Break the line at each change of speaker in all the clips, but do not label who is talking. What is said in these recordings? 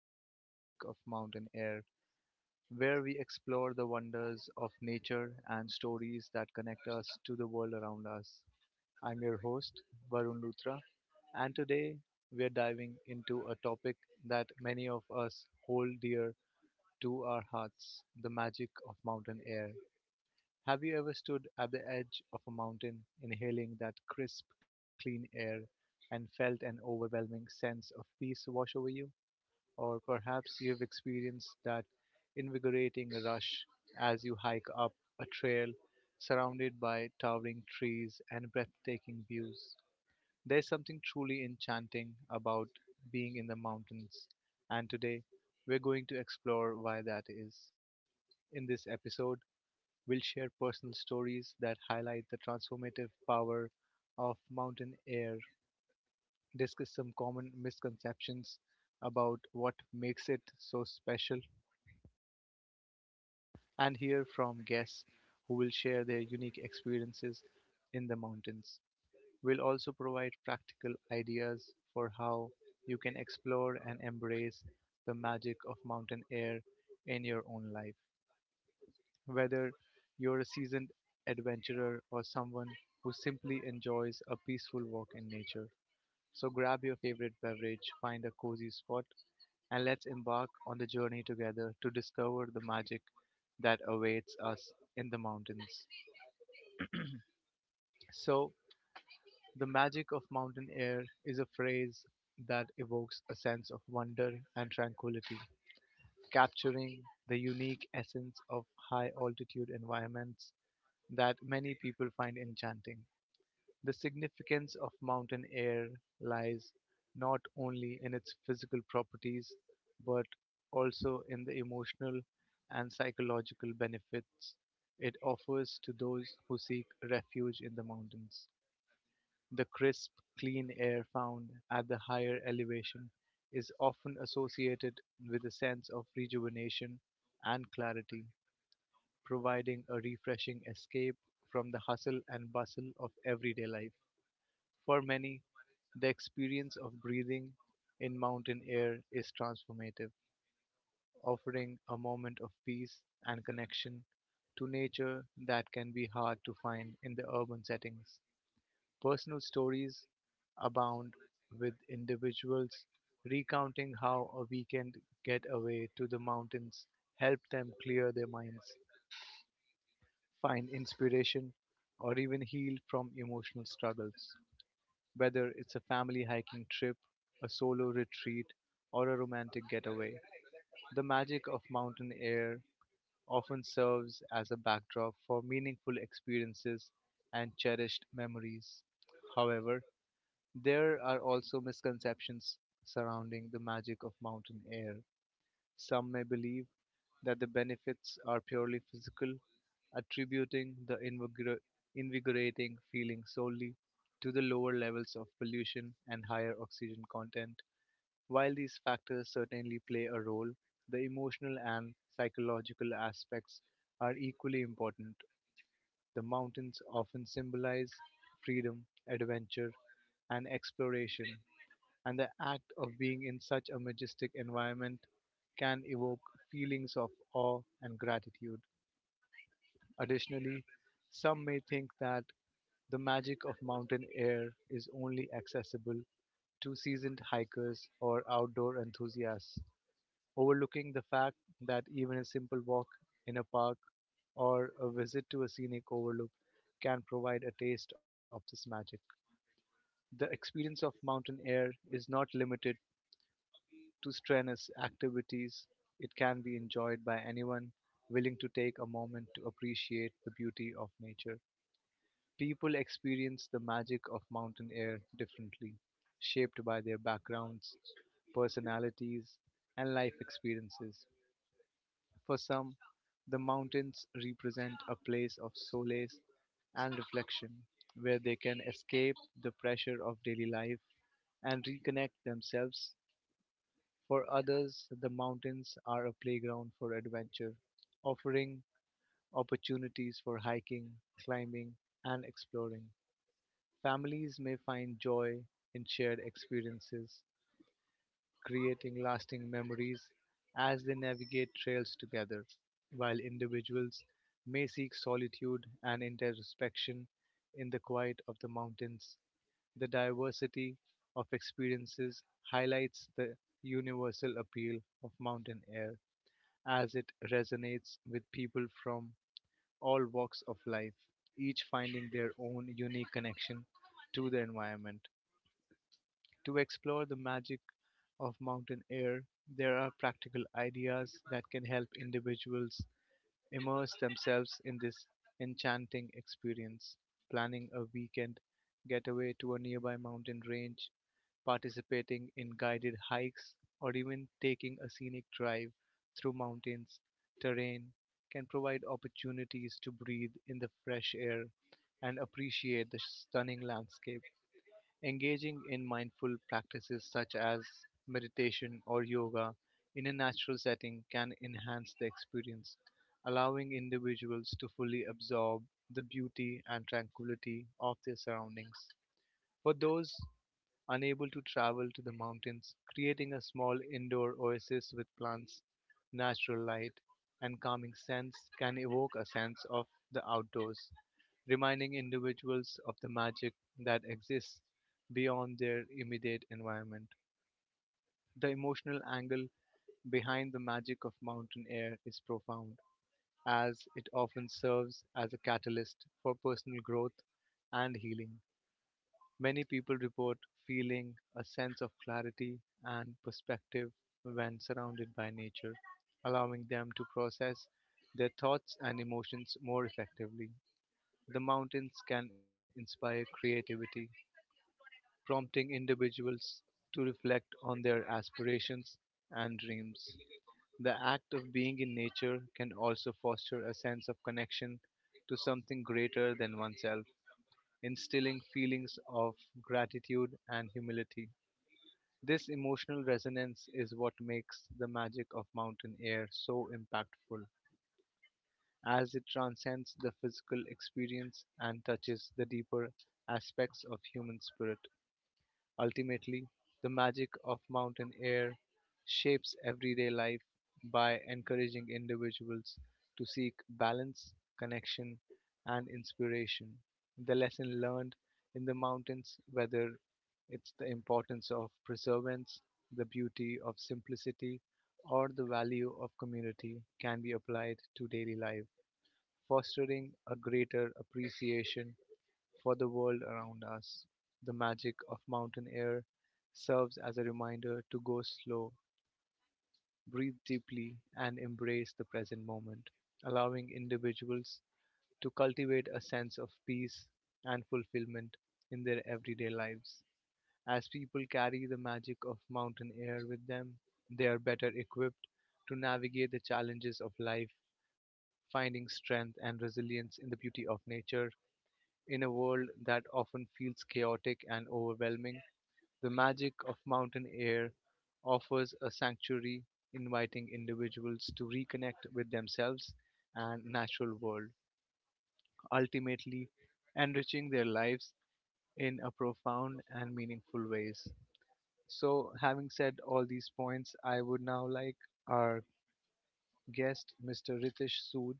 is The Magic of Mountain Air, where we explore the wonders of nature and stories that connect us to the world around us. I'm your host, Varun Luthra, and today we are diving into a topic that many of us hold dear to our hearts the magic of mountain air. Have you ever stood at the edge of a mountain, inhaling that crisp, clean air, and felt an overwhelming sense of peace wash over you? Or perhaps you've experienced that invigorating rush as you hike up a trail surrounded by towering trees and breathtaking views. There's something truly enchanting about being in the mountains, and today we're going to explore why that is. In this episode, will share personal stories that highlight the transformative power of mountain air, discuss some common misconceptions about what makes it so special, and hear from guests who will share their unique experiences in the mountains. We'll also provide practical ideas for how you can explore and embrace the magic of mountain air in your own life. Whether you're a seasoned adventurer or someone who simply enjoys a peaceful walk in nature. So grab your favorite beverage, find a cozy spot, and let's embark on the journey together to discover the magic that awaits us in the mountains. So, the magic of mountain air is a phrase that evokes a sense of wonder and tranquility, capturing the unique essence of high altitude environments that many people find enchanting. The significance of mountain air lies not only in its physical properties but also in the emotional and psychological benefits it offers to those who seek refuge in the mountains. The crisp, clean air found at the higher elevation is often associated with a sense of rejuvenation and clarity, providing a refreshing escape from the hustle and bustle of everyday life. For many, the experience of breathing in mountain air is transformative, offering a moment of peace and connection to nature that can be hard to find in the urban settings. Personal stories abound with individuals recounting how a weekend getaway to the mountains helped them clear their minds, find inspiration, or even heal from emotional struggles. Whether it's a family hiking trip, a solo retreat, or a romantic getaway. The magic of mountain air often serves as a backdrop for meaningful experiences and cherished memories. However, there are also misconceptions surrounding the magic of mountain air. Some may believe that the benefits are purely physical, attributing the invigorating feeling solely to the lower levels of pollution and higher oxygen content. While these factors certainly play a role, the emotional and psychological aspects are equally important. The mountains often symbolize freedom, adventure, and exploration, and the act of being in such a majestic environment can evoke feelings of awe and gratitude. Additionally, some may think that the magic of mountain air is only accessible to seasoned hikers or outdoor enthusiasts, overlooking the fact that even a simple walk in a park or a visit to a scenic overlook can provide a taste of this magic. The experience of mountain air is not limited to strenuous activities, it can be enjoyed by anyone willing to take a moment to appreciate the beauty of nature. People experience the magic of mountain air differently, shaped by their backgrounds, personalities, and life experiences. For some, the mountains represent a place of solace and reflection where they can escape the pressure of daily life and reconnect themselves. For others, the mountains are a playground for adventure, offering opportunities for hiking, climbing, and exploring. Families may find joy in shared experiences creating lasting memories as they navigate trails together. While individuals may seek solitude and introspection in the quiet of the mountains, the diversity of experiences highlights the universal appeal of mountain air as it resonates with people from all walks of life, each finding their own unique connection to the environment. To explore the magic of mountain air, there are practical ideas that can help individuals immerse themselves in this enchanting experience. Planning a weekend getaway to a nearby mountain range, participating in guided hikes, or even taking a scenic drive through mountains terrain can provide opportunities to breathe in the fresh air and appreciate the stunning landscape. Engaging in mindful practices such as meditation or yoga in a natural setting can enhance the experience, allowing individuals to fully absorb the beauty and tranquility of their surroundings. For those unable to travel to the mountains, creating a small indoor oasis with plants, natural light, and calming scents can evoke a sense of the outdoors, reminding individuals of the magic that exists beyond their immediate environment. The emotional angle behind the magic of mountain air is profound, as it often serves as a catalyst for personal growth and healing. Many people report feeling a sense of clarity and perspective when surrounded by nature, allowing them to process their thoughts and emotions more effectively. The mountains can inspire creativity, prompting individuals to reflect on their aspirations and dreams. The act of being in nature can also foster a sense of connection to something greater than oneself, instilling feelings of gratitude and humility. This emotional resonance is what makes the magic of mountain air so impactful, as it transcends the physical experience and touches the deeper aspects of human spirit. Ultimately, the magic of mountain air shapes everyday life by encouraging individuals to seek balance, connection, and inspiration. The lesson learned in the mountains, whether it's the importance of preservance, the beauty of simplicity, or the value of community, can be applied to daily life fostering a greater appreciation for the world around us. The magic of mountain air serves as a reminder to go slow, breathe deeply, and embrace the present moment, allowing individuals to cultivate a sense of peace and fulfillment in their everyday lives. As people carry the magic of mountain air with them, they are better equipped to navigate the challenges of life, finding strength and resilience in the beauty of nature. In a world that often feels chaotic and overwhelming, the magic of mountain air offers a sanctuary inviting individuals to reconnect with themselves and natural world, ultimately enriching their lives in a profound and meaningful ways. So, having said all these points, I would now like our guest, Mr. Ritesh Sood,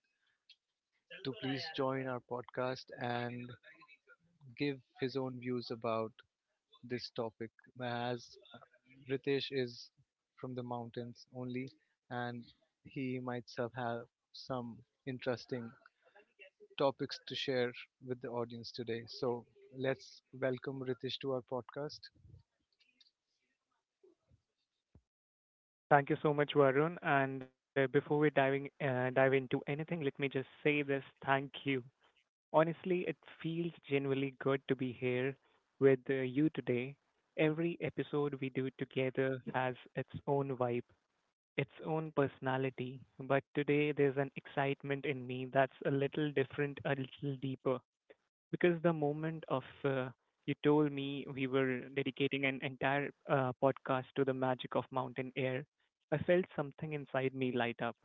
to please join our podcast and give his own views about this topic. As Ritesh is from the mountains only, and he might have some interesting topics to share with the audience today. So, let's welcome Ritesh to our podcast.
Thank you so much, Varun. And before we diving dive into anything, let me just say this: thank you. Honestly, it feels genuinely good to be here with you today. Every episode we do together has its own vibe, its own personality. But today there's an excitement in me that's a little different, a little deeper because the moment of you told me we were dedicating an entire podcast to the magic of mountain air, I felt something inside me light up.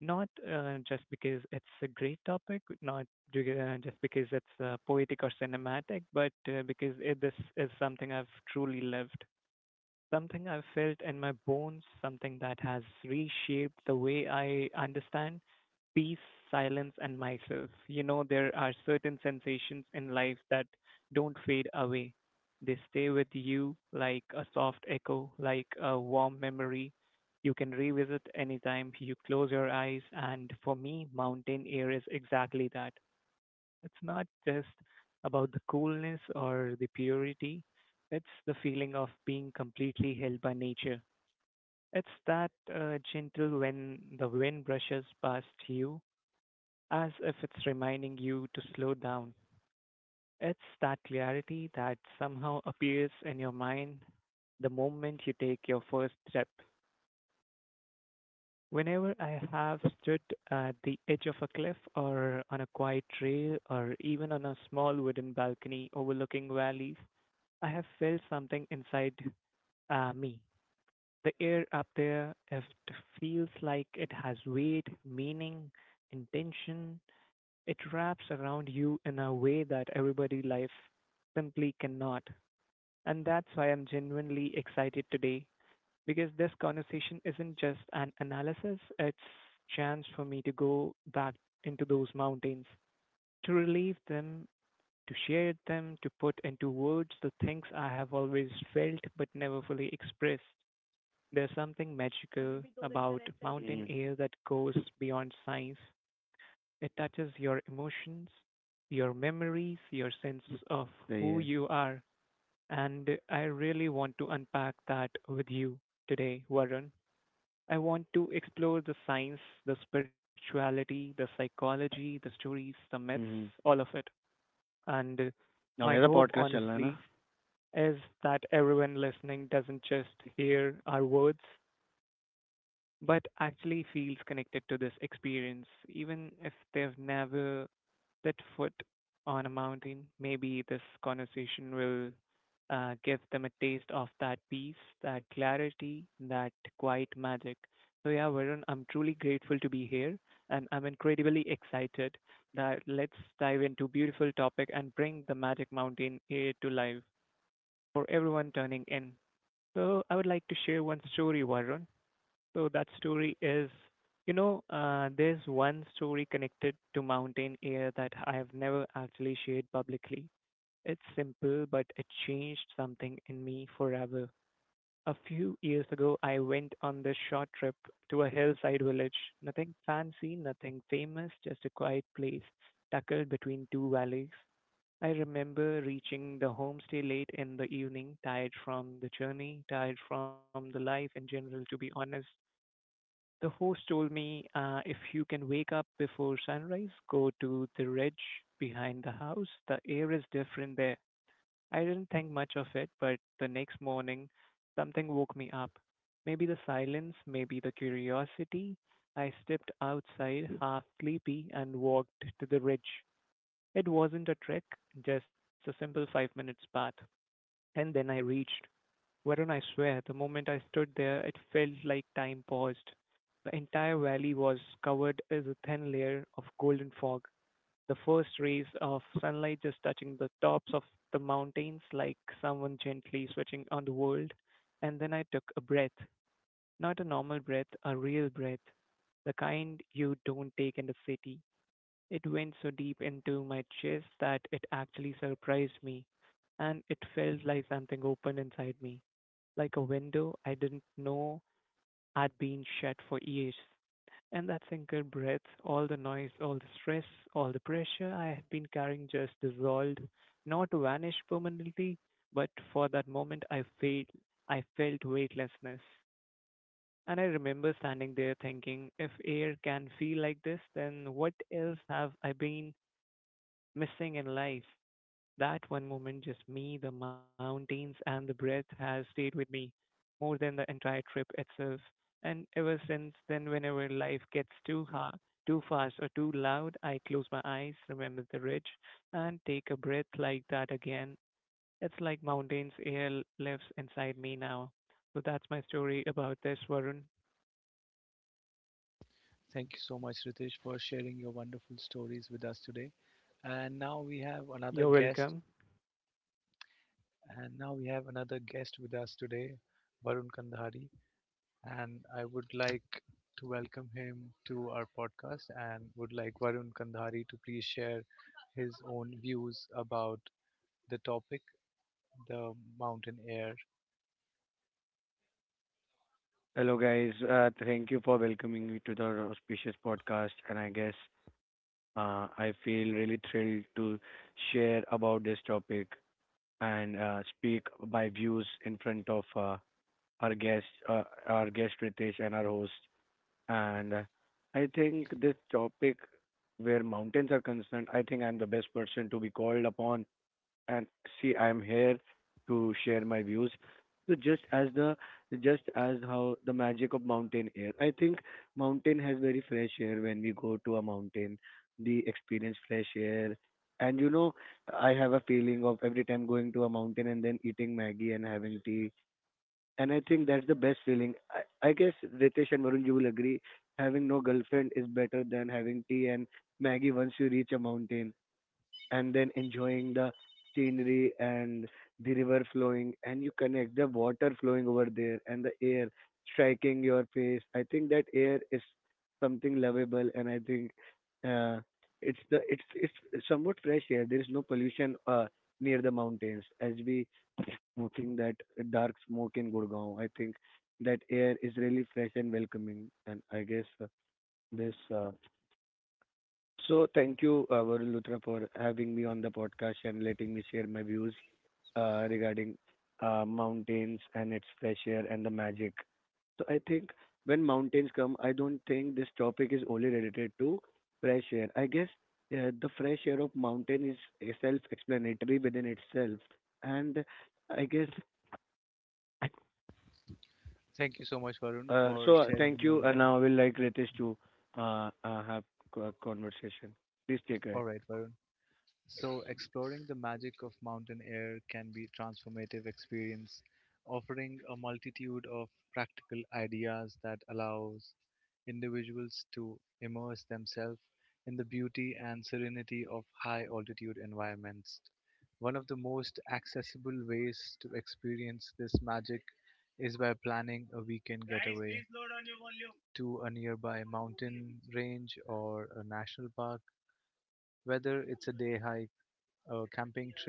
Not just because it's a great topic, not just because it's poetic or cinematic, but this is something I've truly lived something I felt in my bones, something that has reshaped the way I understand peace, silence, and myself. You know, there are certain sensations in life that don't fade away. They stay with you like a soft echo, like a warm memory you can revisit anytime you close your eyes. And for me, mountain air is exactly that. It's not just about the coolness or the purity, it's the feeling of being completely held by nature. It's that gentle when the wind brushes past you, as if it's reminding you to slow down. It's that clarity that somehow appears in your mind the moment you take your first step. Whenever I have stood at the edge of a cliff or on a quiet trail or even on a small wooden balcony overlooking valleys, I have felt something inside me. The air up there it feels like it has weight, meaning, intention. It wraps around you in a way that everybody life simply cannot. And that's why I'm genuinely excited today because this conversation isn't just an analysis, it's chance for me to go back into those mountains, to relieve them, to share them, to put into words the things I have always felt but never fully expressed. There's something magical about mountain
hmm
air that goes beyond science. It touches your emotions, your memories, your sense of
सही है
who you are. And I really want to unpack that with you today, Varun. I want to explore the science, the spirituality, the psychology, the stories, the myths,
hmm
all of it. And
ना,
my
मेरा
hope,
podcast चल रहा है ना
honestly, is that everyone listening doesn't just hear our words, but actually feels connected to this experience, even if they've never set foot on a mountain, maybe this conversation will give them a taste of that peace, that clarity, that quiet magic. So, yeah, Varun, I'm truly grateful to be here and I'm incredibly excited that let's dive into beautiful topic and bring the Magic Mountain here to life for everyone turning in. So, I would like to share one story, Varun. So that story is, you know, there's one story connected to mountain air that I have never actually shared publicly. It's simple, but it changed something in me forever. A few years ago, I went on this short trip to a hillside village. Nothing fancy, nothing famous, just a quiet place tucked between two valleys. I remember reaching the homestay late in the evening, tired from the journey, tired from the life in general, to be honest the host told me if you can wake up before sunrise, go to the ridge behind the house. The air is different there. I didn't think much of it, but the next morning, something woke me up. Maybe the silence, maybe the curiosity. I stepped outside, half sleepy, and walked to the ridge. It wasn't a trek, just a simple 5 minute path. And then I reached Varun, I swear, the moment I stood there, it felt like time paused. The entire valley was covered as a thin layer of golden fog, the first rays of sunlight just touching the tops of the mountains like someone gently switching on the world. And then I took a breath, not a normal breath, a real breath, the kind you don't take in the city. It went so deep into my chest that it actually surprised me, and it felt like something opened inside me, like a window I didn't know had been shut for years. And that single breath, all the noise, all the stress, all the pressure I had been carrying just dissolved, not vanished permanently, but for that moment I felt weightlessness. And I remember standing there thinking, if air can feel like this, then what else have I been missing in life. That one moment, just me, the mountains, and the breath has stayed with me more than the entire trip itself. And ever since then, whenever life gets too hard, too fast, or too loud, I close my eyes, remember the ridge, and take a breath like that again. It's like mountains' air lives inside me now. So that's my story about this, Varun.
Thank you so much, Ritesh, for sharing your wonderful stories with us today. And now we have another
You're
guest,
welcome.
and now we have another guest with us today, Varun Kandhari. And I would like to welcome him to our podcast and would like Varun Kandhari to please share his own views about the topic, the mountain air.
hello hello thank you for welcoming me to the auspicious podcast, and I guess I feel really thrilled to share about this topic and speak my views in front of our guest uh, our guest Ritesh and our host, and I think this topic, where mountains are concerned, I think I'm the best person to be called upon. And see, I'm here to share my views. So just as how the magic of mountain air, I think mountain has very fresh air when we go to a mountain. The experience fresh air, and you know, I have a feeling of every time going to a mountain and then eating Maggie and having tea. And I think that's the best feeling. I guess Ritesh and Varun, you will agree, having no girlfriend is better than having tea and Maggie once you reach a mountain and then enjoying the scenery and the river flowing, and you connect the water flowing over there and the air striking your face. I think that air is something lovable, and I think uh, it's somewhat fresh air. There is no pollution near the mountains, as we smoking that dark smoke in Gurgaon. I think that air is really fresh and welcoming, and I guess this so thank you, Varun Luthra, for having me on the podcast and letting me share my views regarding mountains and its fresh air and the magic. So I think when mountains come, I don't think this topic is only related to fresh air. I guess the fresh air of mountain is self-explanatory within itself, and I guess
Thank you so much, Varun, for sharing
Thank you,
your.
and now I will like Ritesh to have a conversation. Please take
All
it.
right, Varun. So exploring the magic of mountain air can be transformative experience, offering a multitude of practical ideas that allows individuals to immerse themselves in the beauty and serenity of high altitude environments. One of the most accessible ways to experience this magic is by planning a weekend getaway to a nearby mountain range or a national park, whether it's a day hike a camping trip,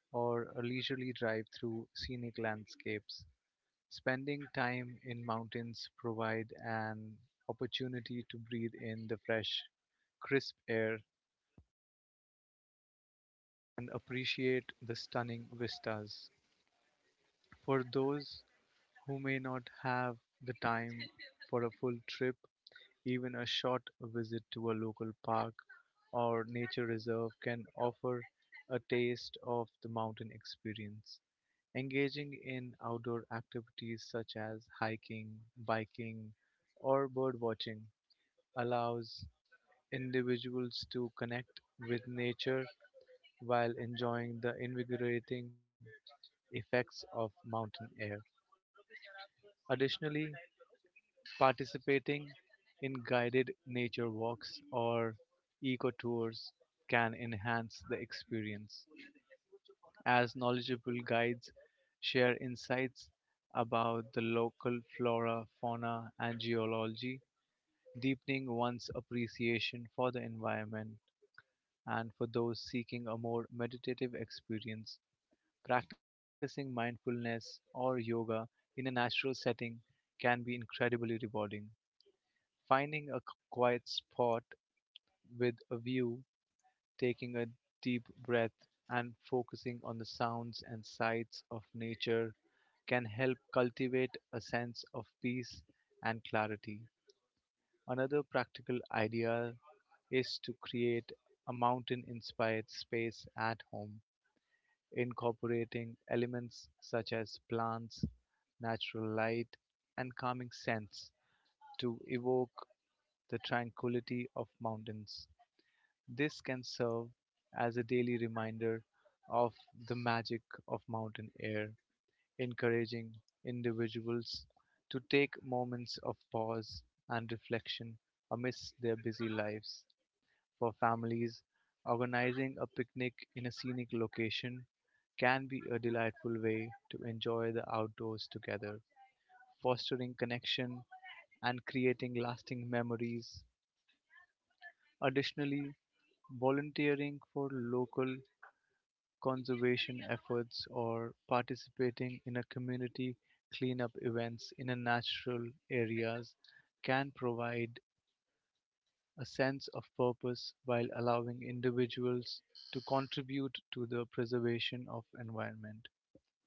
or a leisurely drive through scenic landscapes. Spending time in mountains provide an opportunity to breathe in the fresh, crisp air and appreciate the stunning vistas. For those who may not have the time for a full trip, even a short visit to a local park or nature reserve can offer a taste of the mountain experience. Engaging in outdoor activities such as hiking, biking, or bird watching allows individuals to connect with nature while enjoying the invigorating effects of mountain air. Additionally, participating in guided nature walks or eco tours can enhance the experience, as knowledgeable guides share insights about the local flora, fauna, and geology, deepening one's appreciation for the environment and for those seeking a more meditative experience. Practicing mindfulness or yoga in a natural setting can be incredibly rewarding finding a quiet spot with a view, taking a deep breath, and focusing on the sounds and sights of nature can help cultivate a sense of peace and clarity. Another practical idea is to create a mountain inspired space at home, incorporating elements such as plants, natural light, and calming scents to evoke the tranquility of mountains. This can serve as a daily reminder of the magic of mountain air, encouraging individuals to take moments of pause and reflection amidst their busy lives. For families, organizing a picnic in a scenic location can be a delightful way to enjoy the outdoors together, fostering connection and creating lasting memories. Additionally, volunteering for local conservation efforts or participating in a community cleanup events in a natural areas can provide a sense of purpose while allowing individuals to contribute to the preservation of environment.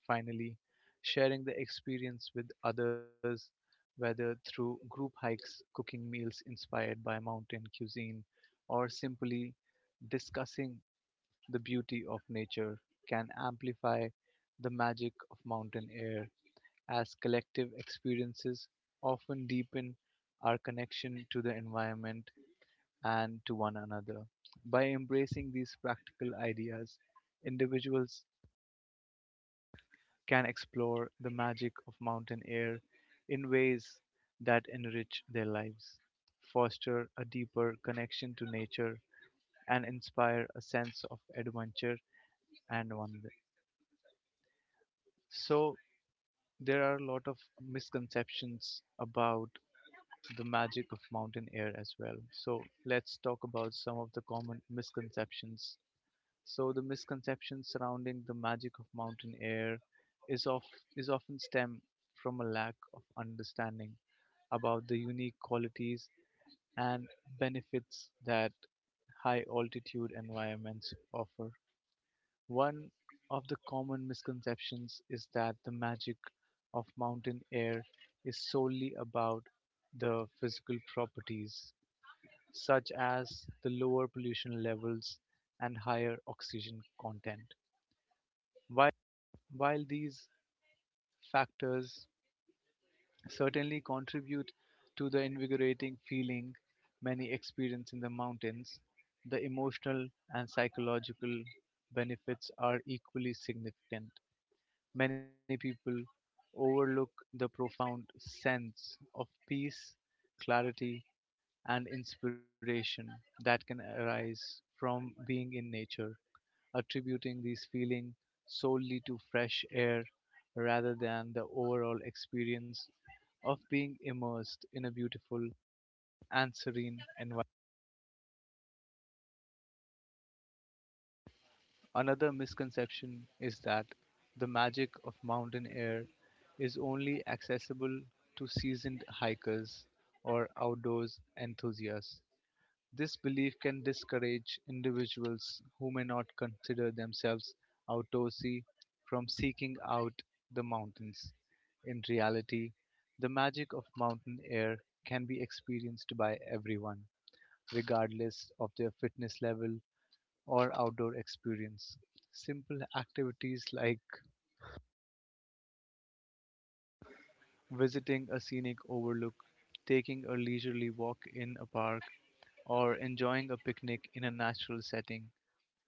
Finally, sharing the experience with others, whether through group hikes, cooking meals inspired by mountain cuisine, or simply discussing the beauty of nature, can amplify the magic of mountain air as collective experiences often deepen our connection to the environment and to one another. By embracing these practical ideas, individuals can explore the magic of mountain air in ways that enrich their lives, foster a deeper connection to nature, and inspire a sense of adventure and wonder. So, there are a lot of misconceptions about the magic of mountain air as well. So, let's talk about some of the common misconceptions. So the misconceptions surrounding the magic of mountain air is of is often stem from a lack of understanding about the unique qualities and benefits that high altitude environments offer. One of the common misconceptions is that the magic of mountain air is solely about the physical properties, such as the lower pollution levels and higher oxygen content. While, while these factors certainly contribute to the invigorating feeling many experience in the mountains, the emotional and psychological benefits are equally significant. Many people overlook the profound sense of peace, clarity, and inspiration that can arise from being in nature, attributing these feelings solely to fresh air rather than the overall experience of being immersed in a beautiful and serene environment. Another misconception is that the magic of mountain air is only accessible to seasoned hikers or outdoors enthusiasts. This belief can discourage individuals who may not consider themselves outdoorsy from seeking out the mountains. In reality, the magic of mountain air can be experienced by everyone, regardless of their fitness level or outdoor experience. Simple activities like visiting a scenic overlook, taking a leisurely walk in a park, or enjoying a picnic in a natural setting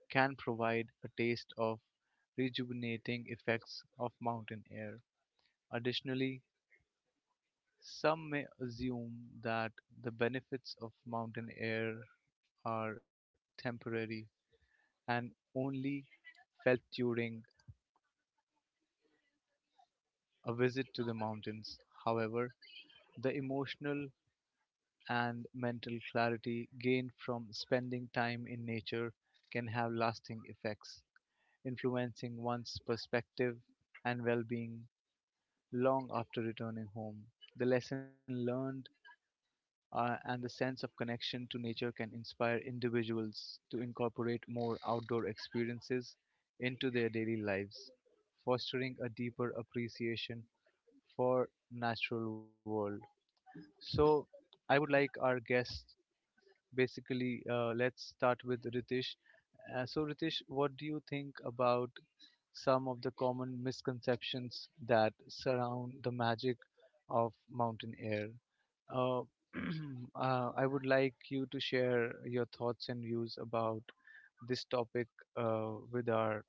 can provide a taste of rejuvenating effects of mountain air. Additionally, some may assume that the benefits of mountain air are temporary and only felt during a visit to the mountains. However, the emotional and mental clarity gained from spending time in nature can have lasting effects, influencing one's perspective and well being long after returning home. The lesson learned and the sense of connection to nature can inspire individuals to incorporate more outdoor experiences into their daily lives, fostering a deeper appreciation for natural world. So I would like our guests basically let's start with Ritesh. So, Ritesh, what do you think about some of the common misconceptions that surround the magic of mountain air? Uh, I would like you to share your thoughts and views about this topic with our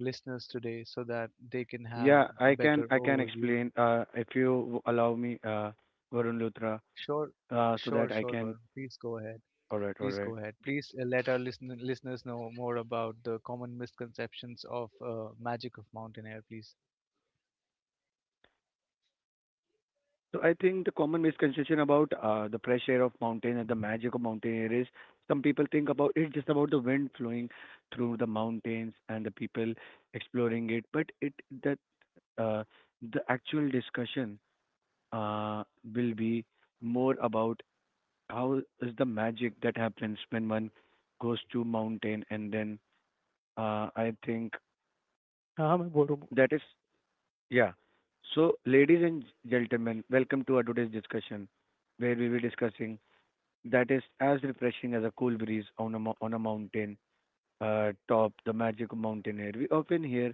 listeners today so that they can have
Yeah,
a
I can
better
I can
overview.
explain if you allow me, Varun Luthra,
Sure,
so
sure,
that I
sure,
can.
Varun. Please go ahead.
All right, all
Please
right.
go ahead. Please let our listeners know more about the common misconceptions of magic of mountain air, please.
So I think the common misconception about the fresh air of mountain and the magic of mountain air is some people think about it just about the wind flowing through the mountains and the people exploring it, but it that uh, the actual discussion uh, will be more about how is the magic that happens when one goes to mountain and then I think
Um, Bor-
that is, yeah. So, ladies and gentlemen, welcome to our today's discussion, where we will be discussing that is as refreshing as a cool breeze on a on a mountain top, the magic of mountain air. We often hear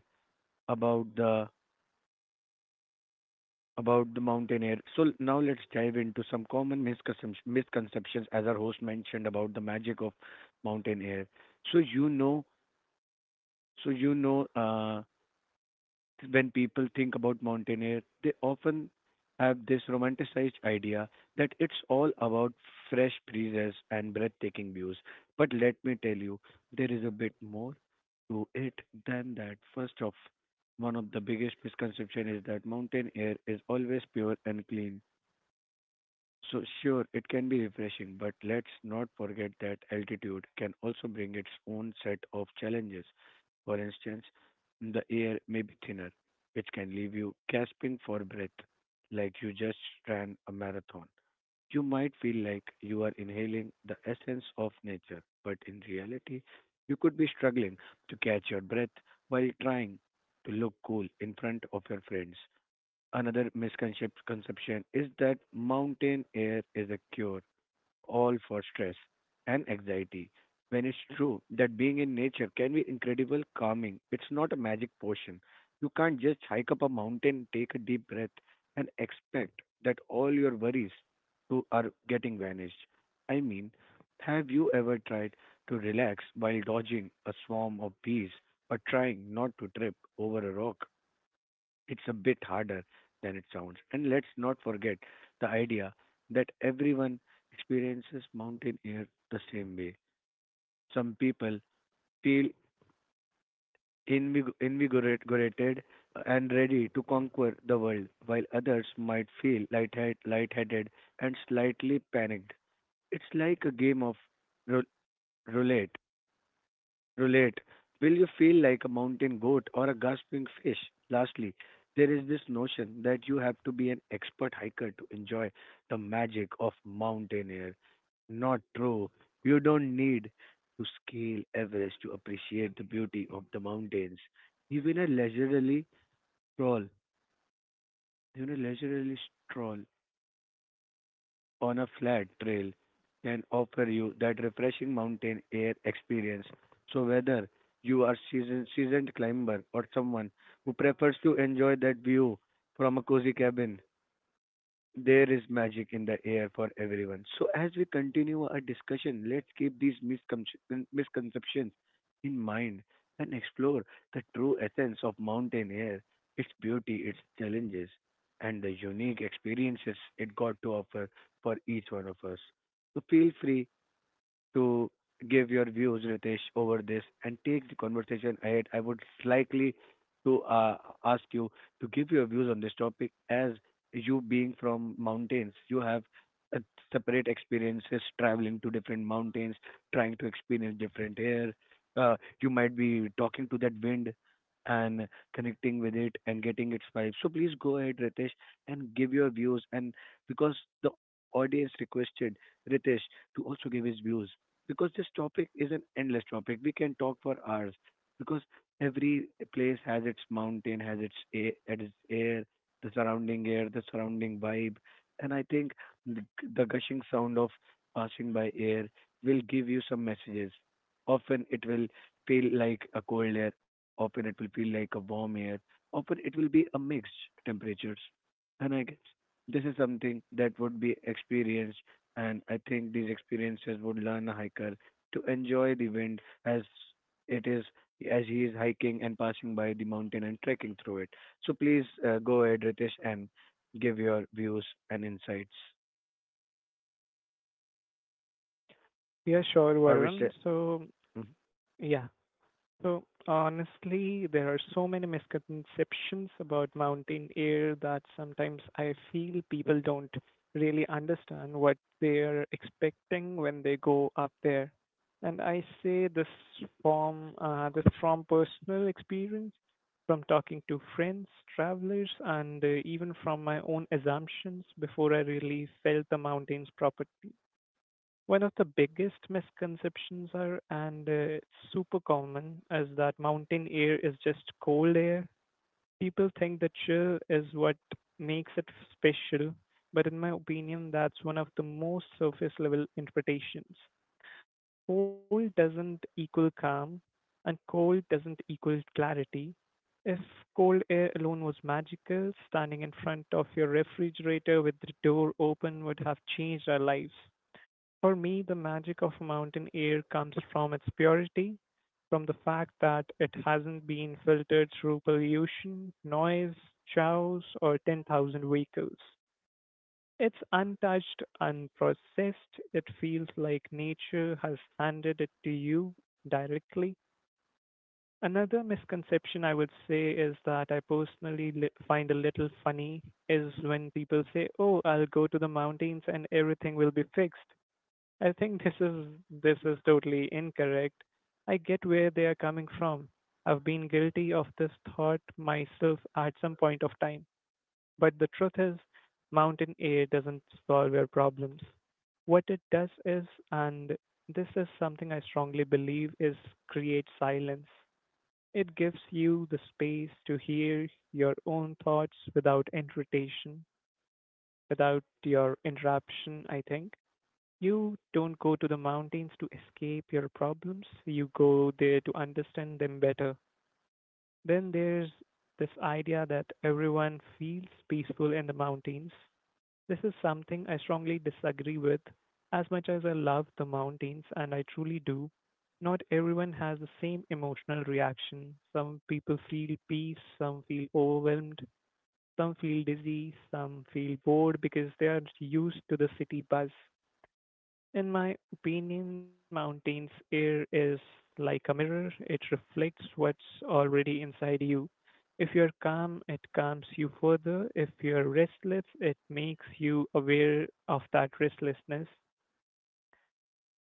about the about the mountain air. So now let's dive into some common misconceptions, as our host mentioned, about the magic of mountain air. So you know, so, you know, when people think about mountaineer, they often have this romanticized idea that it's all about fresh breezes and breathtaking views. But let me tell you, there is a bit more to it than that. First off, one of the biggest misconceptions is that mountain air is always pure and clean. So, sure, it can be refreshing, but let's not forget that altitude can also bring its own set of challenges. For instance, the air may be thinner, which can leave you gasping for breath, like you just ran a marathon. You might feel like you are inhaling the essence of nature, but in reality, you could be struggling to catch your breath while trying to look cool in front of your friends. Another misconception is that mountain air is a cure all for stress and anxiety. When it's true that being in nature can be incredible calming, it's not a magic potion. You can't just hike up a mountain, take a deep breath, and expect that all your worries to are getting vanished. I mean, have you ever tried to relax while dodging a swarm of bees or trying not to trip over a rock? It's a bit harder than it sounds. And let's not forget the idea that everyone experiences mountain air the same way. Some people feel invigorated and ready to conquer the world, while others might feel lightheaded and slightly panicked. It's like a game of rou- roulette. Roulette. Will you feel like a mountain goat or a gasping fish? Lastly, there is this notion that you have to be an expert hiker to enjoy the magic of mountain air. Not true. You don't need to scale Everest to appreciate the beauty of the mountains. Even a leisurely stroll, even a leisurely stroll on a flat trail can offer you that refreshing mountain air experience. So whether you are seasoned climber or someone who prefers to enjoy that view from a cozy cabin, there is magic in the air for everyone. So, as we continue our discussion, let's keep these misconceptions in mind and explore the true essence of mountain air, its beauty, its challenges, and the unique experiences it got to offer for each one of us. So, feel free to give your views, Ritesh, over this and take the conversation ahead. I would likely to ask you to give your views on this topic, as you being from mountains, you have uh, separate experiences traveling to different mountains, trying to experience different air. You might be talking to that wind and connecting with it and getting its vibe. So please go ahead, Ritesh, and give your views. And because the audience requested Ritesh to also give his views, because this topic is an endless topic. We can talk for hours, because every place has its mountain, has its air, the surrounding air, the surrounding vibe, and I think the, the gushing sound of passing by air will give you some messages. Often it will feel like a cold air. Often it will feel like a warm air. Often it will be a mixed temperatures, and I guess this is something that would be experienced, and I think these experiences would learn a hiker to enjoy the wind as it is, as he is hiking and passing by the mountain and trekking through it. So please go ahead, Ritesh, and give your views and insights.
yeah, sure,
Or which
Varun.
the-
So,
Mhm.
yeah. So, honestly, there are so many misconceptions about mountain air that sometimes I feel people don't really understand what they're expecting when they go up there. And I say this from personal experience, from talking to friends, travelers, and even from my own assumptions before I really felt the mountains properly. One of the biggest misconceptions are, and it's super common, is that mountain air is just cold air. People think the chill is what makes it special, but in my opinion, that's one of the most surface level interpretations. Cold doesn't equal calm, and cold doesn't equal clarity. If cold air alone was magical, standing in front of your refrigerator with the door open would have changed our lives. For me, the magic of mountain air comes from its purity, from the fact that it hasn't been filtered through pollution, noise, chows, or 10,000 vehicles. It's untouched, unprocessed. It feels like nature has handed it to you directly. Another misconception I would say is that I personally find a little funny is when people say, "Oh, I'll go to the mountains and everything will be fixed." I think this is totally incorrect. I get where they are coming from. I've been guilty of this thought myself at some point of time. But the truth is, mountain air doesn't solve your problems. What it does is, and this is something I strongly believe, is create silence. It gives you the space to hear your own thoughts without interruption, without your interruption, I think you don't go to the mountains to escape your problems, you go there to understand them better. Then there's this idea that everyone feels peaceful in the mountains. This is something I strongly disagree with. As much as I love the mountains, and I truly do, not everyone has the same emotional reaction. Some people feel peace, some feel overwhelmed, some feel dizzy, some feel bored because they are used to the city buzz. In my opinion, mountains air is like a mirror. It reflects what's already inside you. If you're calm, it calms you further. If you're restless, it makes you aware of that restlessness.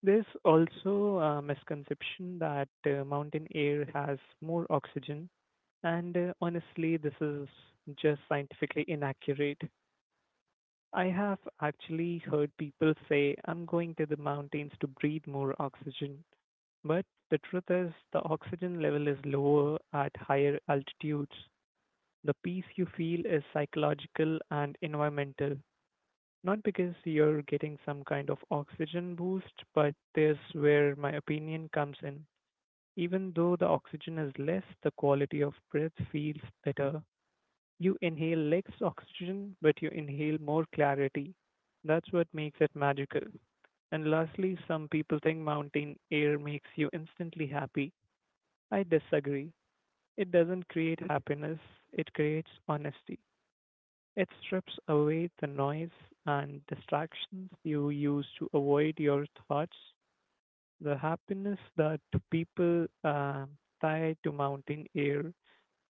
There's also a misconception that mountain air has more oxygen, and honestly, this is just scientifically inaccurate. I have actually heard people say, "I'm going to the mountains to breathe more oxygen." But the truth is, the oxygen level is lower at higher altitudes. The peace you feel is psychological and environmental, not because you're getting some kind of oxygen boost, but there's where my opinion comes in. Even though the oxygen is less, the quality of breath feels better. You inhale less oxygen, but you inhale more clarity. That's what makes it magical. And lastly, some people think mountain air makes you instantly happy. I disagree. It doesn't create happiness, it creates honesty. It strips away the noise and distractions you use to avoid your thoughts. The happiness that people tie to mountain air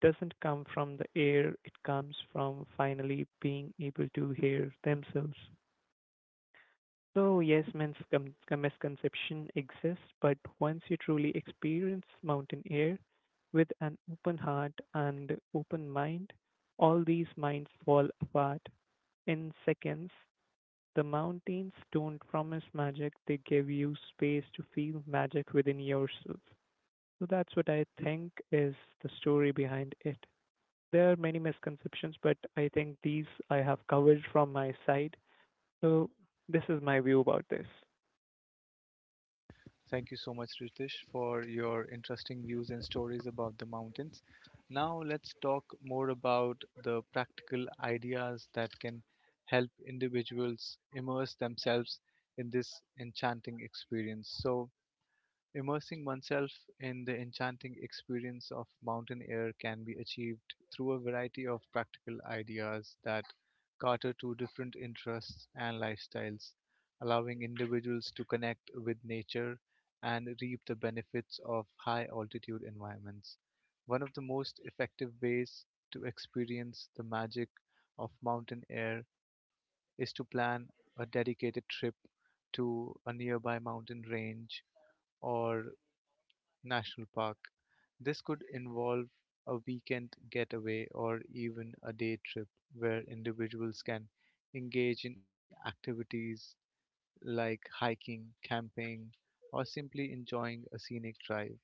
doesn't come from the air, it comes from finally being able to hear themselves. So yes, means misconception exists, but once you truly experience mountain air with an open heart and open mind, all these minds fall apart in seconds. The mountains don't promise magic; they give you space to feel magic within yourself. So that's what I think is the story behind it. There are many misconceptions, but I think these I have covered from my side. So this is my view about this.
Thank you so much, Ritesh, for your interesting views and stories about the mountains. Now let's talk more about the practical ideas that can help individuals immerse themselves in this enchanting experience. So, immersing oneself in the enchanting experience of mountain air can be achieved through a variety of practical ideas that cater to different interests and lifestyles, allowing individuals to connect with nature and reap the benefits of high altitude environments. One of the most effective ways to experience the magic of mountain air is to plan a dedicated trip to a nearby mountain range or national park. This could involve a weekend getaway or even a day trip where individuals can engage in activities like hiking, camping, or simply enjoying a scenic drive.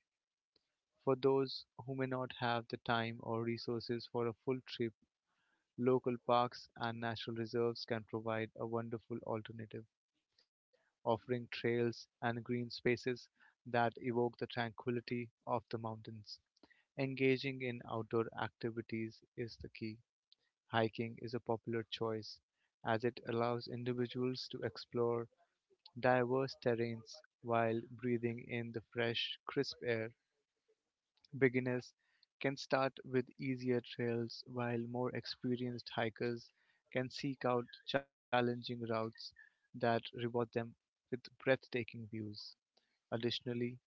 For those who may not have the time or resources for a full trip, local parks and natural reserves can provide a wonderful alternative offering trails and green spaces that evoke the tranquility of the mountains. Engaging in outdoor activities is the key. Hiking is a popular choice as it allows individuals to explore diverse terrains while breathing in the fresh, crisp air. Beginners can start with easier trails while more experienced hikers can seek out challenging routes that reward them with breathtaking views. Additionally,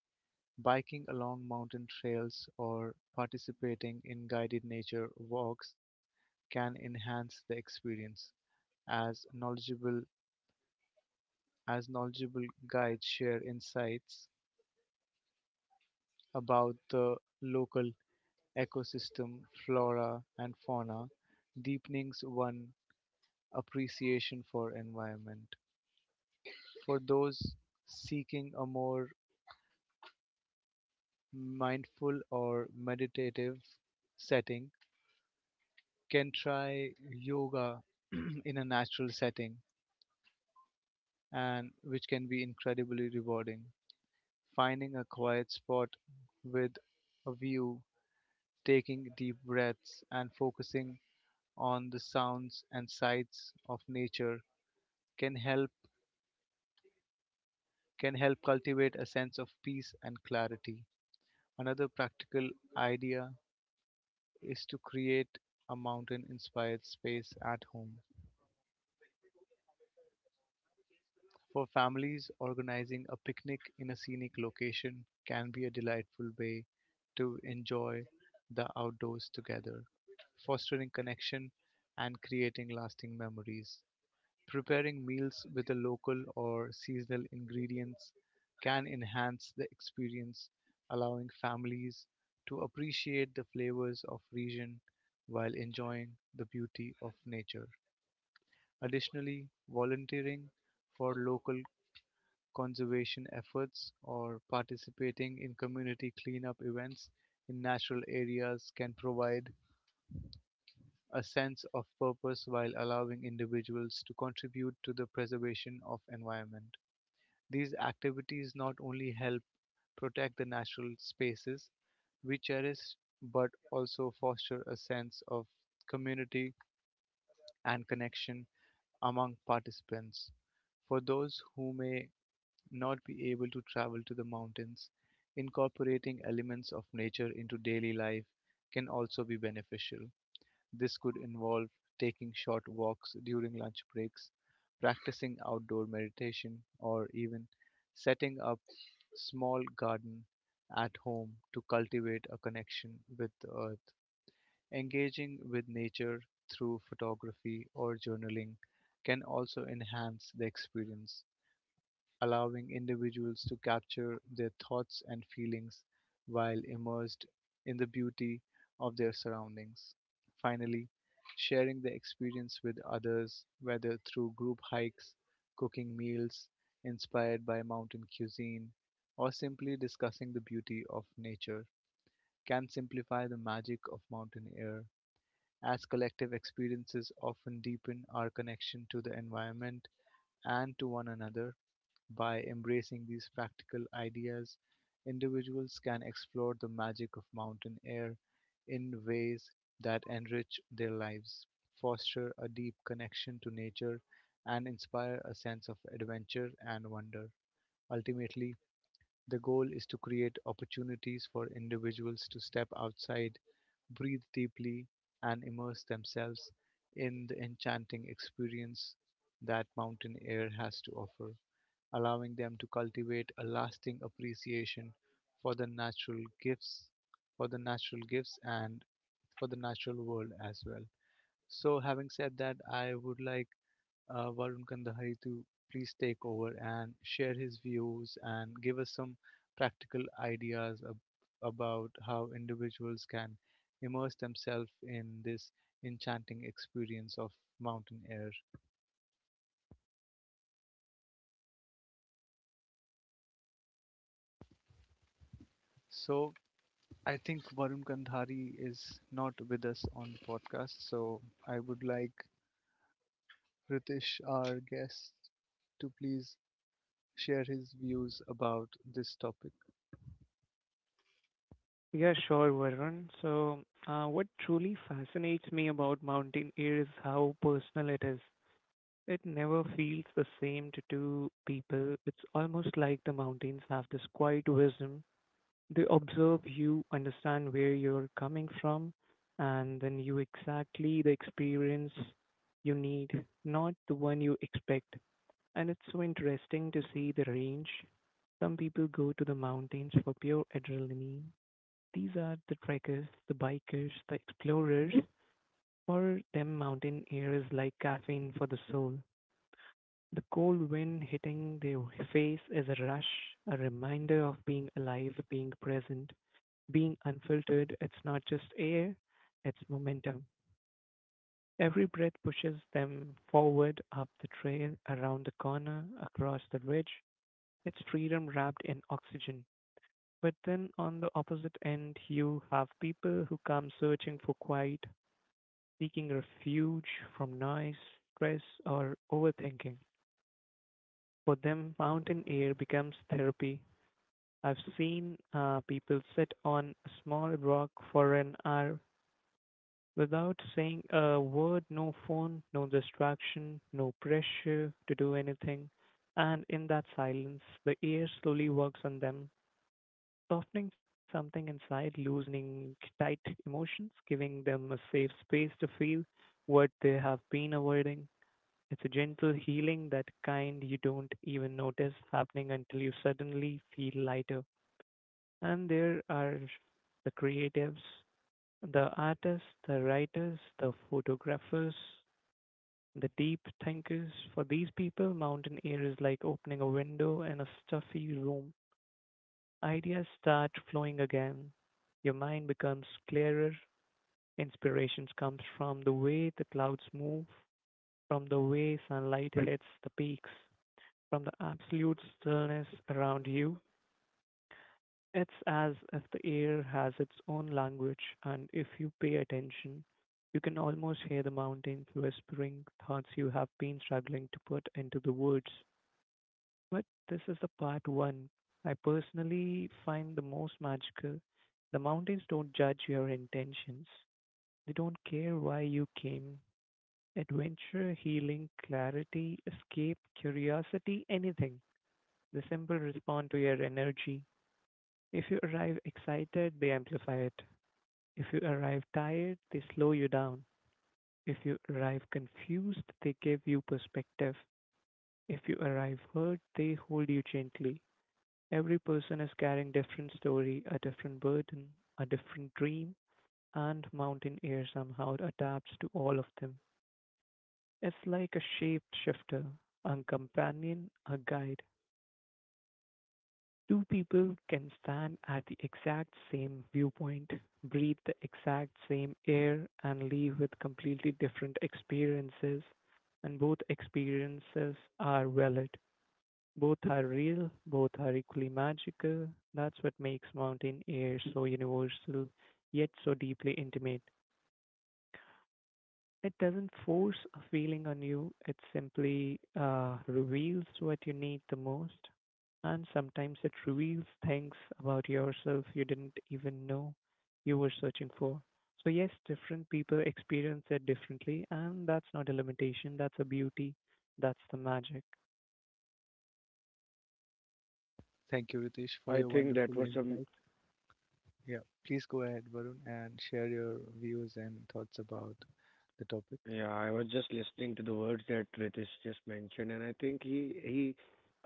biking along mountain trails or participating in guided nature walks can enhance the experience as knowledgeable guides share insights about the local ecosystem, flora and fauna, deepenings one appreciation for environment. For those seeking a more mindful or meditative setting, can try yoga in a natural setting and which can be incredibly rewarding. Finding a quiet spot with a view, taking deep breaths and focusing on the sounds and sights of nature can help can help cultivate a sense of peace and clarity. Another practical idea is to create a mountain inspired space at home. For families, organizing a picnic in a scenic location can be a delightful way to enjoy the outdoors together, fostering connection and creating lasting memories. Preparing meals with the local or seasonal ingredients can enhance the experience, allowing families to appreciate the flavors of region while enjoying the beauty of nature. Additionally, volunteering for local conservation efforts or participating in community cleanup events in natural areas can provide a sense of purpose while allowing individuals to contribute to the preservation of environment. These activities not only help protect the natural spaces we cherish but also foster a sense of community and connection among participants. For those who may not be able to travel to the mountains, incorporating elements of nature into daily life can also be beneficial. This could involve taking short walks during lunch breaks, practicing outdoor meditation, or even setting up small garden at home to cultivate a connection with the earth. Engaging with nature through photography or journaling can also enhance the experience allowing individuals to capture their thoughts and feelings while immersed in the beauty of their surroundings. Finally, sharing the experience with others, whether through group hikes, cooking meals inspired by mountain cuisine, or simply discussing the beauty of nature, can simplify the magic of mountain air. As collective experiences often deepen our connection to the environment and to one another, by embracing these practical ideas, individuals can explore the magic of mountain air in ways that enrich their lives, foster a deep connection to nature, and inspire a sense of adventure and wonder. Ultimately, the goal is to create opportunities for individuals to step outside, breathe deeply, and immerse themselves in the enchanting experience that mountain air has to offer, allowing them to cultivate a lasting appreciation for the natural gifts, for the natural gifts and for the natural world as well. So having said that, I would like Varun Kandahari to please take over and share his views and give us some practical ideas about how individuals can immerse themselves in this enchanting experience of mountain air. So, I think Varun Kandhari is not with us on the podcast, so I would like Ritesh, our guest, to please share his views about this topic.
Yeah, sure, Varun. So, what truly fascinates me about mountain air is how personal it is. It never feels the same to two people. It's almost like the mountains have this quiet wisdom. They observe you, understand where you're coming from, and then you exactly the experience you need, not the one you expect. And it's so interesting to see the range. Some people go to the mountains for pure adrenaline, these are the trekkers, the bikers, the explorers. For them, mountain air is like caffeine for the soul. The cold wind hitting their face is a rush, a reminder of being alive, being present, being unfiltered. It's not just air, it's momentum. Every breath pushes them forward up the trail, around the corner, across the ridge. It's freedom wrapped in oxygen. But then on the opposite end, you have people who come searching for quiet, seeking refuge from noise, stress, or overthinking. For them, mountain air becomes therapy. I've seen people sit on a small rock for an hour without saying a word, no phone, no distraction, no pressure to do anything. And in that silence, the air slowly works on them, softening something inside, loosening tight emotions, giving them a safe space to feel what they have been avoiding. It's a gentle healing, that kind you don't even notice happening until you suddenly feel lighter. And there are the creatives, the artists, the writers, the photographers, the deep thinkers. For these people, mountain air is like opening a window in a stuffy room. Ideas start flowing again. Your mind becomes clearer. Inspirations comes from the way the clouds move, from the way sunlight hits the peaks, from the absolute stillness around you. It's as if the air has its own language, and if you pay attention, you can almost hear the mountains whispering thoughts you have been struggling to put into the words. But this is the part one I personally find the most magical. The mountains don't judge your intentions, they don't care why you came. Adventure, healing, clarity, escape, curiosity, anything. The cymbal respond to your energy. If you arrive excited, they amplify it. If you arrive tired, they slow you down. If you arrive confused, they give you perspective. If you arrive hurt, they hold you gently. Every person is carrying a different story, a different burden, a different dream, and mountain air somehow adapts to all of them. It's like a shapeshifter, a companion, a guide. Two people can stand at the exact same viewpoint, breathe the exact same air, and leave with completely different experiences. And both experiences are valid. Both are real, both are equally magical. That's what makes mountain air so universal, yet so deeply intimate. It doesn't force a feeling on you, it simply reveals what you need the most. And sometimes it reveals things about yourself you didn't even know you were searching for. So, yes, different people experience it differently, and that's not a limitation, that's a beauty, that's the magic.
Thank you, Ritesh, for
I
your
think that
wonderful
was some.
insight. Yeah, please go ahead, Varun, and share your views and thoughts about the topic.
Yeah, I was just listening to the words that Ritesh just mentioned, and I think he he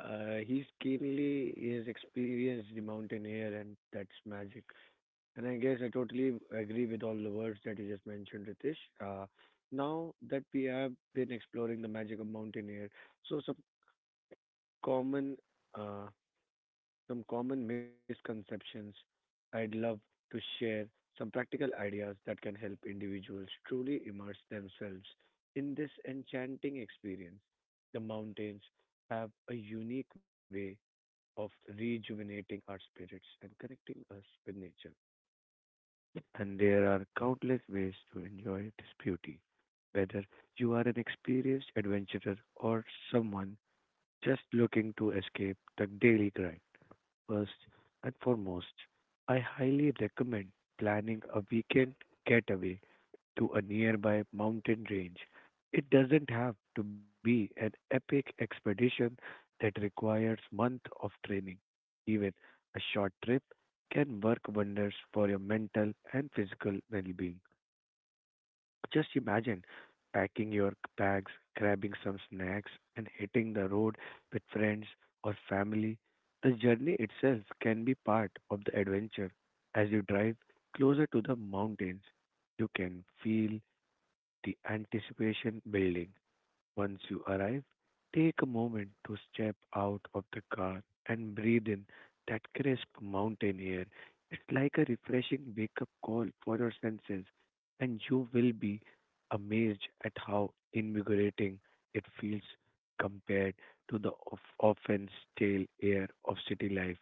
uh, he's keenly is experienced the mountain air, and that's magic. And I guess I totally agree with all the words that you just mentioned, Ritesh. Now that we have been exploring the magic of mountain air, so some common, uh, some common misconceptions. I'd love to share some practical ideas that can help individuals truly immerse themselves in this enchanting experience. The mountains have a unique way of rejuvenating our spirits and connecting us with nature, and there are countless ways to enjoy this beauty. Whether you are an experienced adventurer or someone just looking to escape the daily grind, first and foremost, I highly recommend planning a weekend getaway to a nearby mountain range. It doesn't have to be an epic expedition that requires months of training. Even a short trip can work wonders for your mental and physical well-being. Just imagine packing your bags, grabbing some snacks, and hitting the road with friends or family. The journey itself can be part of the adventure. As you drive closer to the mountains, you can feel the anticipation building. Once you arrive, take a moment to step out of the car and breathe in that crisp mountain air. It's like a refreshing wake up call for your senses, and you will be amazed at how invigorating it feels compared to the often stale air of city life.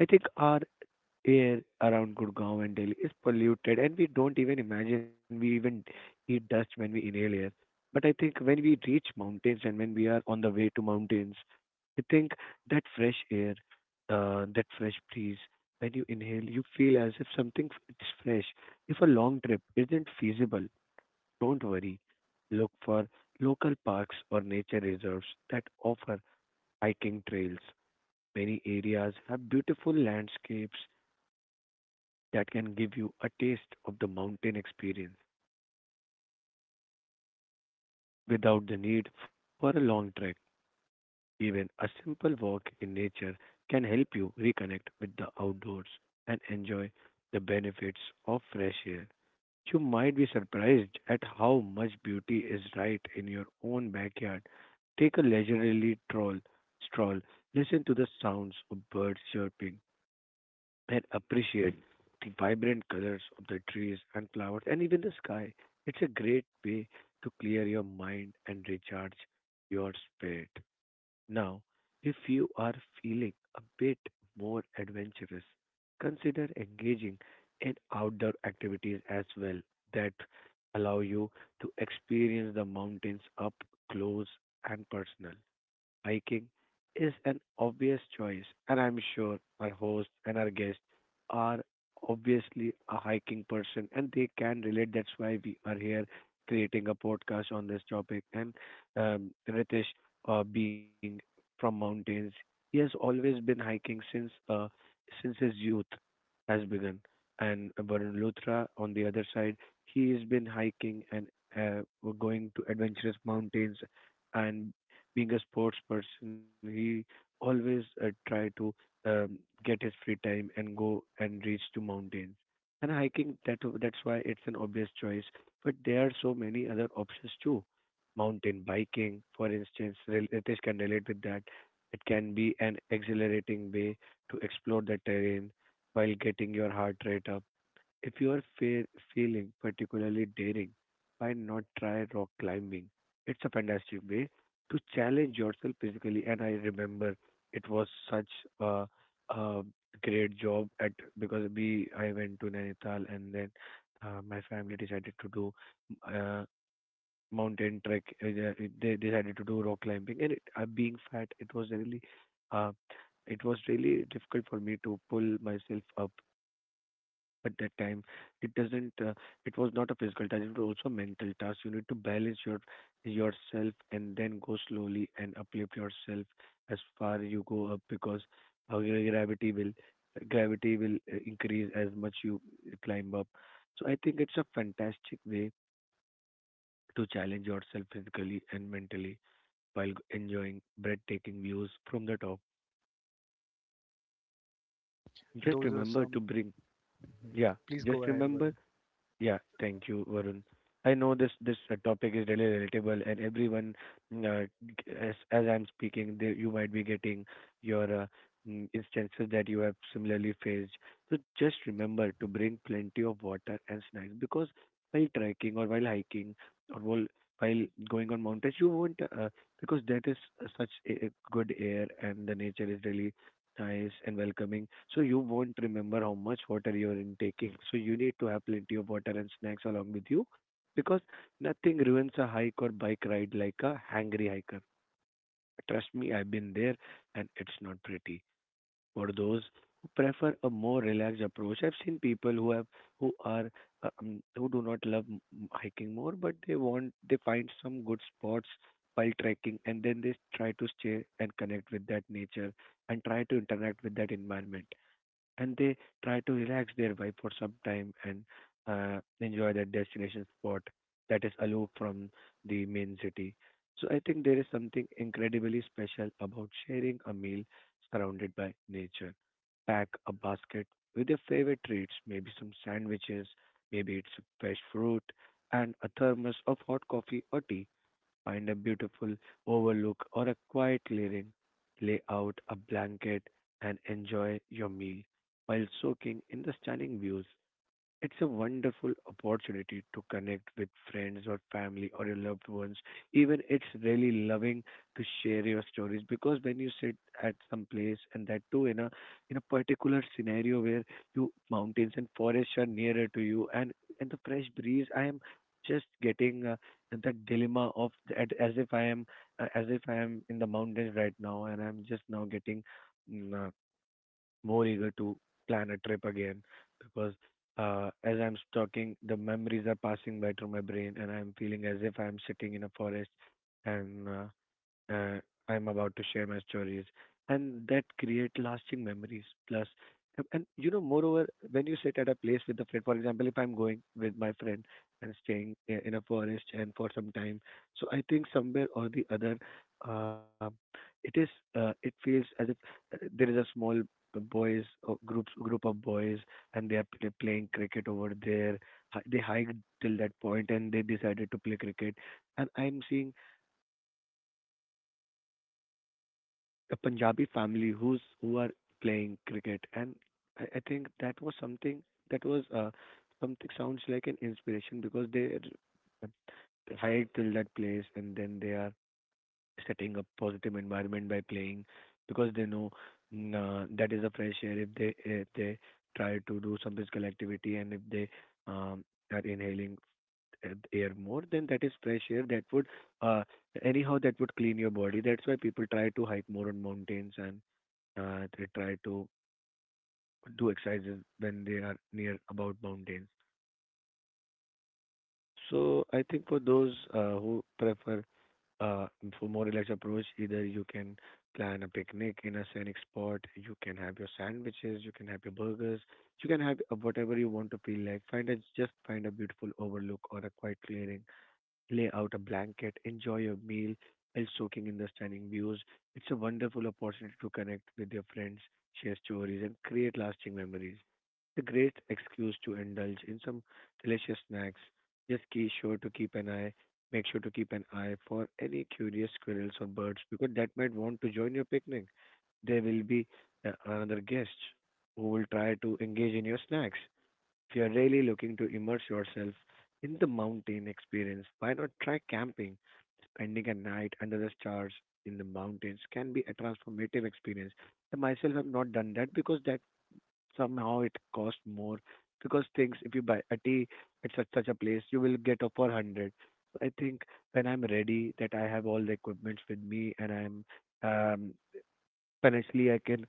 I think our air around Gurgaon and Delhi is polluted, and we don't even imagine we even eat dust when we inhale air. But I think when we reach mountains and when we are on the way to mountains, I think that fresh air, that fresh breeze, when you inhale, you feel as if it's fresh. If a long trip isn't feasible, don't worry. Look for local parks or nature reserves that offer hiking trails. Many areas have beautiful landscapes that can give you a taste of the mountain experience without the need for a long trek. Even a simple walk in nature can help you reconnect with the outdoors and enjoy the benefits of fresh air. You might be surprised at how much beauty is right in your own backyard. Take a stroll, listen to the sounds of birds chirping, and appreciate the vibrant colors of the trees and flowers and even the sky. It's a great way to clear your mind and recharge your spirit. Now, if you are feeling a bit more adventurous, consider engaging in outdoor activities as well that allow you to experience the mountains up close and personal. Hiking is an obvious choice, and I'm sure our host and our guest are obviously a hiking person and they can relate. That's why we are here creating a podcast on this topic. And Ritesh, being from mountains, he has always been hiking since since his youth has begun. And Varun Luthra, on the other side, he has been hiking and uh, going to adventurous mountains and being a sports person, he always try to um, get his free time and go and reach to mountains. And hiking, that's why it's an obvious choice. But there are so many other options too. Mountain biking, for instance, Ritesh can relate with that. It can be an exhilarating way to explore the terrain while getting your heart rate up. If you are feeling particularly daring, why not try rock climbing? It's a fantastic way to challenge yourself physically. And I remember it was such a, a great job at because we I went to Nainital and then my family decided to do uh, mountain trek. They decided to do rock climbing, and it, being fat, uh, it was really difficult for me to pull myself up at that time. It doesn't it was not a physical task, it was also a mental task. You need to balance your yourself and then go slowly and uplift yourself as far you go up because gravity will increase as much you climb up. So I think it's a fantastic way to challenge yourself physically and mentally while enjoying breathtaking views from the top. Just
Those are
remember
some.
to bring
Mhm.
yeah
Please go
just
ahead, Varun.
remember Yeah, thank you, Varun. I know this topic is really relatable, and everyone, as I'm speaking, you might be getting your instances that you have similarly faced. So just remember to bring plenty of water and snacks because while trekking or while hiking or while going on mountains, you won't because that is such a good air and the nature is really nice and welcoming. So you won't remember how much water you're intaking. So you need to have plenty of water and snacks along with you because nothing ruins a hike or bike ride like a hangry hiker. Trust me, I've been there and it's not pretty. For those who prefer a more relaxed approach, I've seen people who are who do not love hiking more, but they want they find some good spots while trekking, and then they try to stay and connect with that nature and try to interact with that environment and they try to relax thereby for some time and enjoy that destination spot that is aloof from the main city. So I think there is something incredibly special about sharing a meal surrounded by nature. Pack a basket with your favorite treats, maybe some sandwiches, maybe it's fresh fruit, and a thermos of hot coffee or tea. Find a beautiful overlook or a quiet clearing. Lay out a blanket and enjoy your meal while soaking in the stunning views. It's a wonderful opportunity to connect with friends or family or your loved ones. Even it's really loving to share your stories, because when you sit at some place and that too in a particular scenario where you mountains and forests are nearer to you and the fresh breeze, I am just getting that dilemma of that, as if I am as if I am in the mountains right now and I'm just now getting mm, uh, more eager to plan a trip again because, as I'm talking, the memories are passing by through my brain, and I'm feeling as if I'm sitting in a forest and uh, I'm about to share my stories, and that create lasting memories. Plus, you know, moreover, when you sit at a place with a friend, for example, if I'm going with my friend and staying in a forest and for some time, so I think somewhere or the other, uh, it is it feels as if there is a small boys or groups group of boys and they are playing cricket over there. They hiked till that point and they decided to play cricket, and I'm seeing a Punjabi family who are playing cricket, and I think that was something, that was something sounds like an inspiration because they r- hike till that place and then they are setting a positive environment by playing because they know that is a fresh air. If they try to do some physical activity and if they um, are inhaling air more, then that is fresh air that would uh, anyhow that would clean your body. That's why people try to hike more on mountains. And they try to do exercises when they are near about mountains. So I think for those who prefer uh, for more relaxed approach, either you can plan a picnic in a scenic spot. You can have your sandwiches, you can have your burgers, you can have whatever you want to feel like. Find a Just find a beautiful overlook or a quiet clearing. Lay out a blanket, enjoy your meal while soaking in the stunning views. It's a wonderful opportunity to connect with your friends, share stories, and create lasting memories. The great excuse to indulge in some delicious snacks. Just be sure to keep an eye, Make sure to keep an eye for any curious squirrels or birds, because that might want to join your picnic. There will be another guest who will try to engage in your snacks. If you're really looking to immerse yourself in the mountain experience, why not try camping? Spending a night under the stars in the mountains can be a transformative experience. I myself have not done that because that somehow it costs more. Because things, if you buy a tea at such a place, you will get a per hundred. So I think when I'm ready, that I have all the equipments with me, and I'm um, financially I can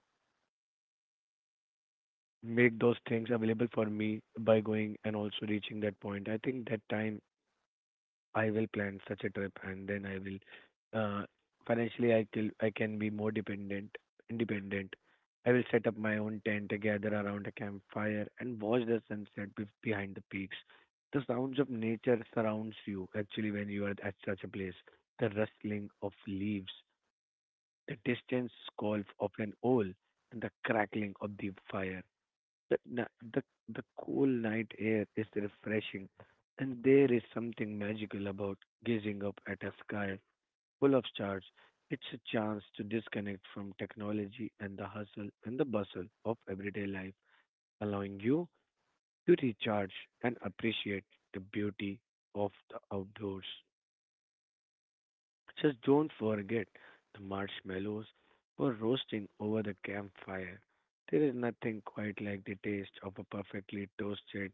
make those things available for me by going and also reaching that point. I think that time I will plan such a trip and then I will uh, financially I can be more dependent independent. I will set up my own tent, gather around a campfire and watch the sunset behind the peaks. The sounds of nature surrounds you actually when you are at such a place. The rustling of leaves, the distant scoff of an owl, and the crackling of the fire. The, na- the, the cool night air is refreshing, and there is something magical about gazing up at a sky full of stars. It's a chance to disconnect from technology and the hustle and the bustle of everyday life, allowing you to recharge and appreciate the beauty of the outdoors. Just don't forget the marshmallows for roasting over the campfire. There is nothing quite like the taste of a perfectly toasted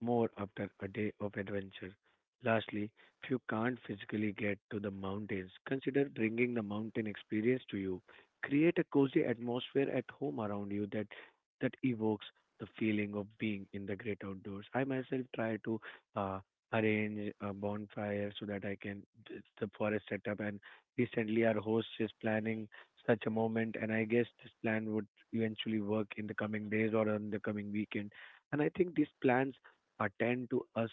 more after a day of adventure. Lastly, if you can't physically get to the mountains, consider bringing the mountain experience to you. Create a cozy atmosphere at home around you that that evokes the feeling of being in the great outdoors. I myself try to uh, arrange a bonfire so that I can. It's the forest setup. And recently our host is planning such a moment, and I guess this plan would eventually work in the coming days or on the coming weekend. And I think these plans attend to us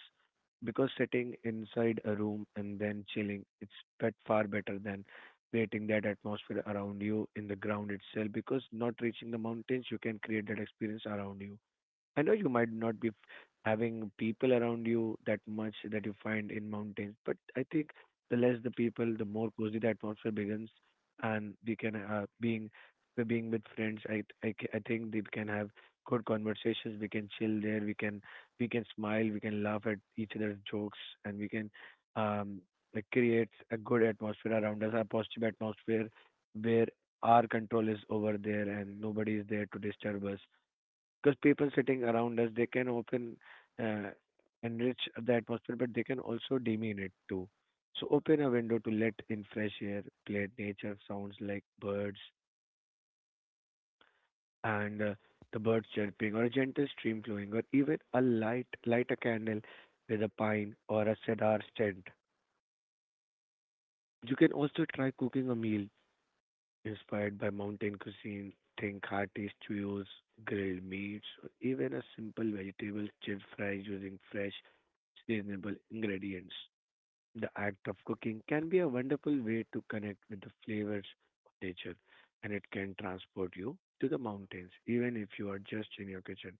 because sitting inside a room and then chilling, it's bet far better than creating that atmosphere around you in the ground itself, because not reaching the mountains you can create that experience around you. I know you might not be having people around you that much that you find in mountains, but I think the less the people, the more cozy the atmosphere begins, and we can being by being with friends. I think they can have good conversations. We can chill there. We can smile. We can laugh at each other's jokes, and we can um like create a good atmosphere around us, a positive atmosphere where our control is over there and nobody is there to disturb us, because people sitting around us, they can often uh, enrich the atmosphere, but they can also demean it too. So open a window to let in fresh air, play nature sounds like birds and the birds chirping, or a gentle stream flowing, or even a light a candle with a pine or a cedar stand. You can also try cooking a meal inspired by mountain cuisine. Think hearty stews, grilled meats, or even a simple vegetable stir fry using fresh, seasonable ingredients. The act of cooking can be a wonderful way to connect with the flavors of nature, and it can transport you to the mountains, even if you are just in your kitchen.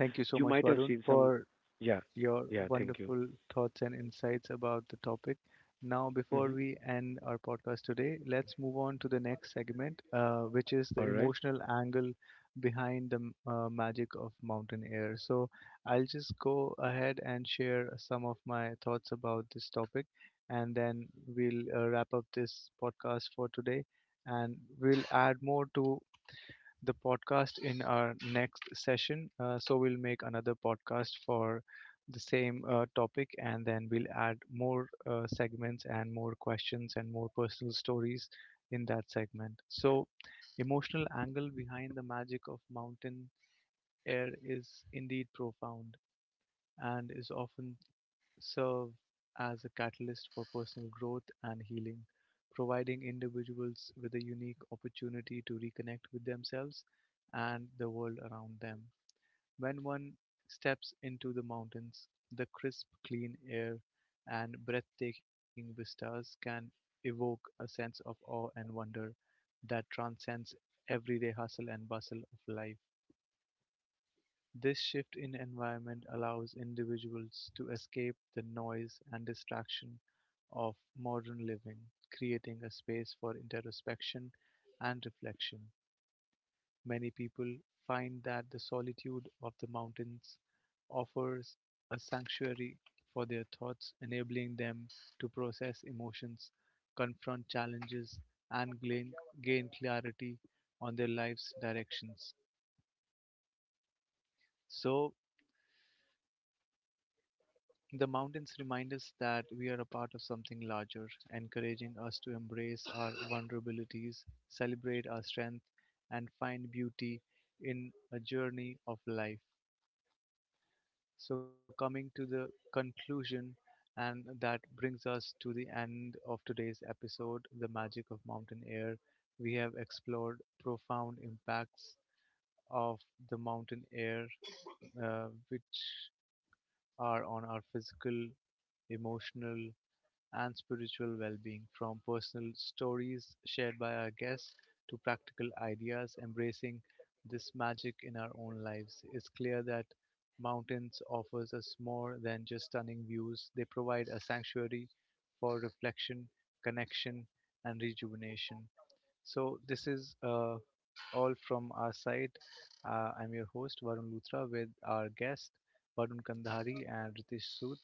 Thank you so
You
much,
might have
Varun,
seen some.
for
Yeah,
your
yeah, thank you.
wonderful thoughts and insights about the topic. Now, before
hmm
we end our podcast today, let's move on to the next segment, which is the
All right.
emotional angle behind the magic of mountain air. So, I'll just go ahead and share some of my thoughts about this topic, and then we'll wrap up this podcast for today. And we'll add more to the podcast in our next session. So we'll make another podcast for the same topic, and then we'll add more segments and more questions and more personal stories in that segment. So, emotional angle behind the magic of mountain air is indeed profound and is often serve as a catalyst for personal growth and healing, providing individuals with a unique opportunity to reconnect with themselves and the world around them. When one steps into the mountains, the crisp, clean air and breathtaking vistas can evoke a sense of awe and wonder that transcends everyday hustle and bustle of life. This shift in environment allows individuals to escape the noise and distraction of modern living, creating a space for introspection and reflection. Many people find that the solitude of the mountains offers a sanctuary for their thoughts, enabling them to process emotions, confront challenges, and gain clarity on their life's directions. So, the mountains remind us that we are a part of something larger, encouraging us to embrace our vulnerabilities, celebrate our strength, and find beauty in a journey of life. So, coming to the conclusion, and that brings us to the end of today's episode, The Magic of Mountain Air. We have explored profound impacts of the mountain air, which are on our physical, emotional, and spiritual well-being, from personal stories shared by our guests to practical ideas embracing this magic in our own lives. It's clear that mountains offers us more than just stunning views. They provide a sanctuary for reflection, connection, and rejuvenation. So this is all from our side. I'm your host, Varun Luthra, with our guest, Varun Kandhari and Ritesh Sood.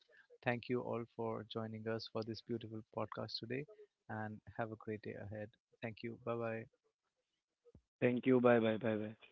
Thank you all for joining us for this beautiful podcast today and have a great day ahead. Thank you. Bye bye.
Thank you. Bye, bye, bye, bye.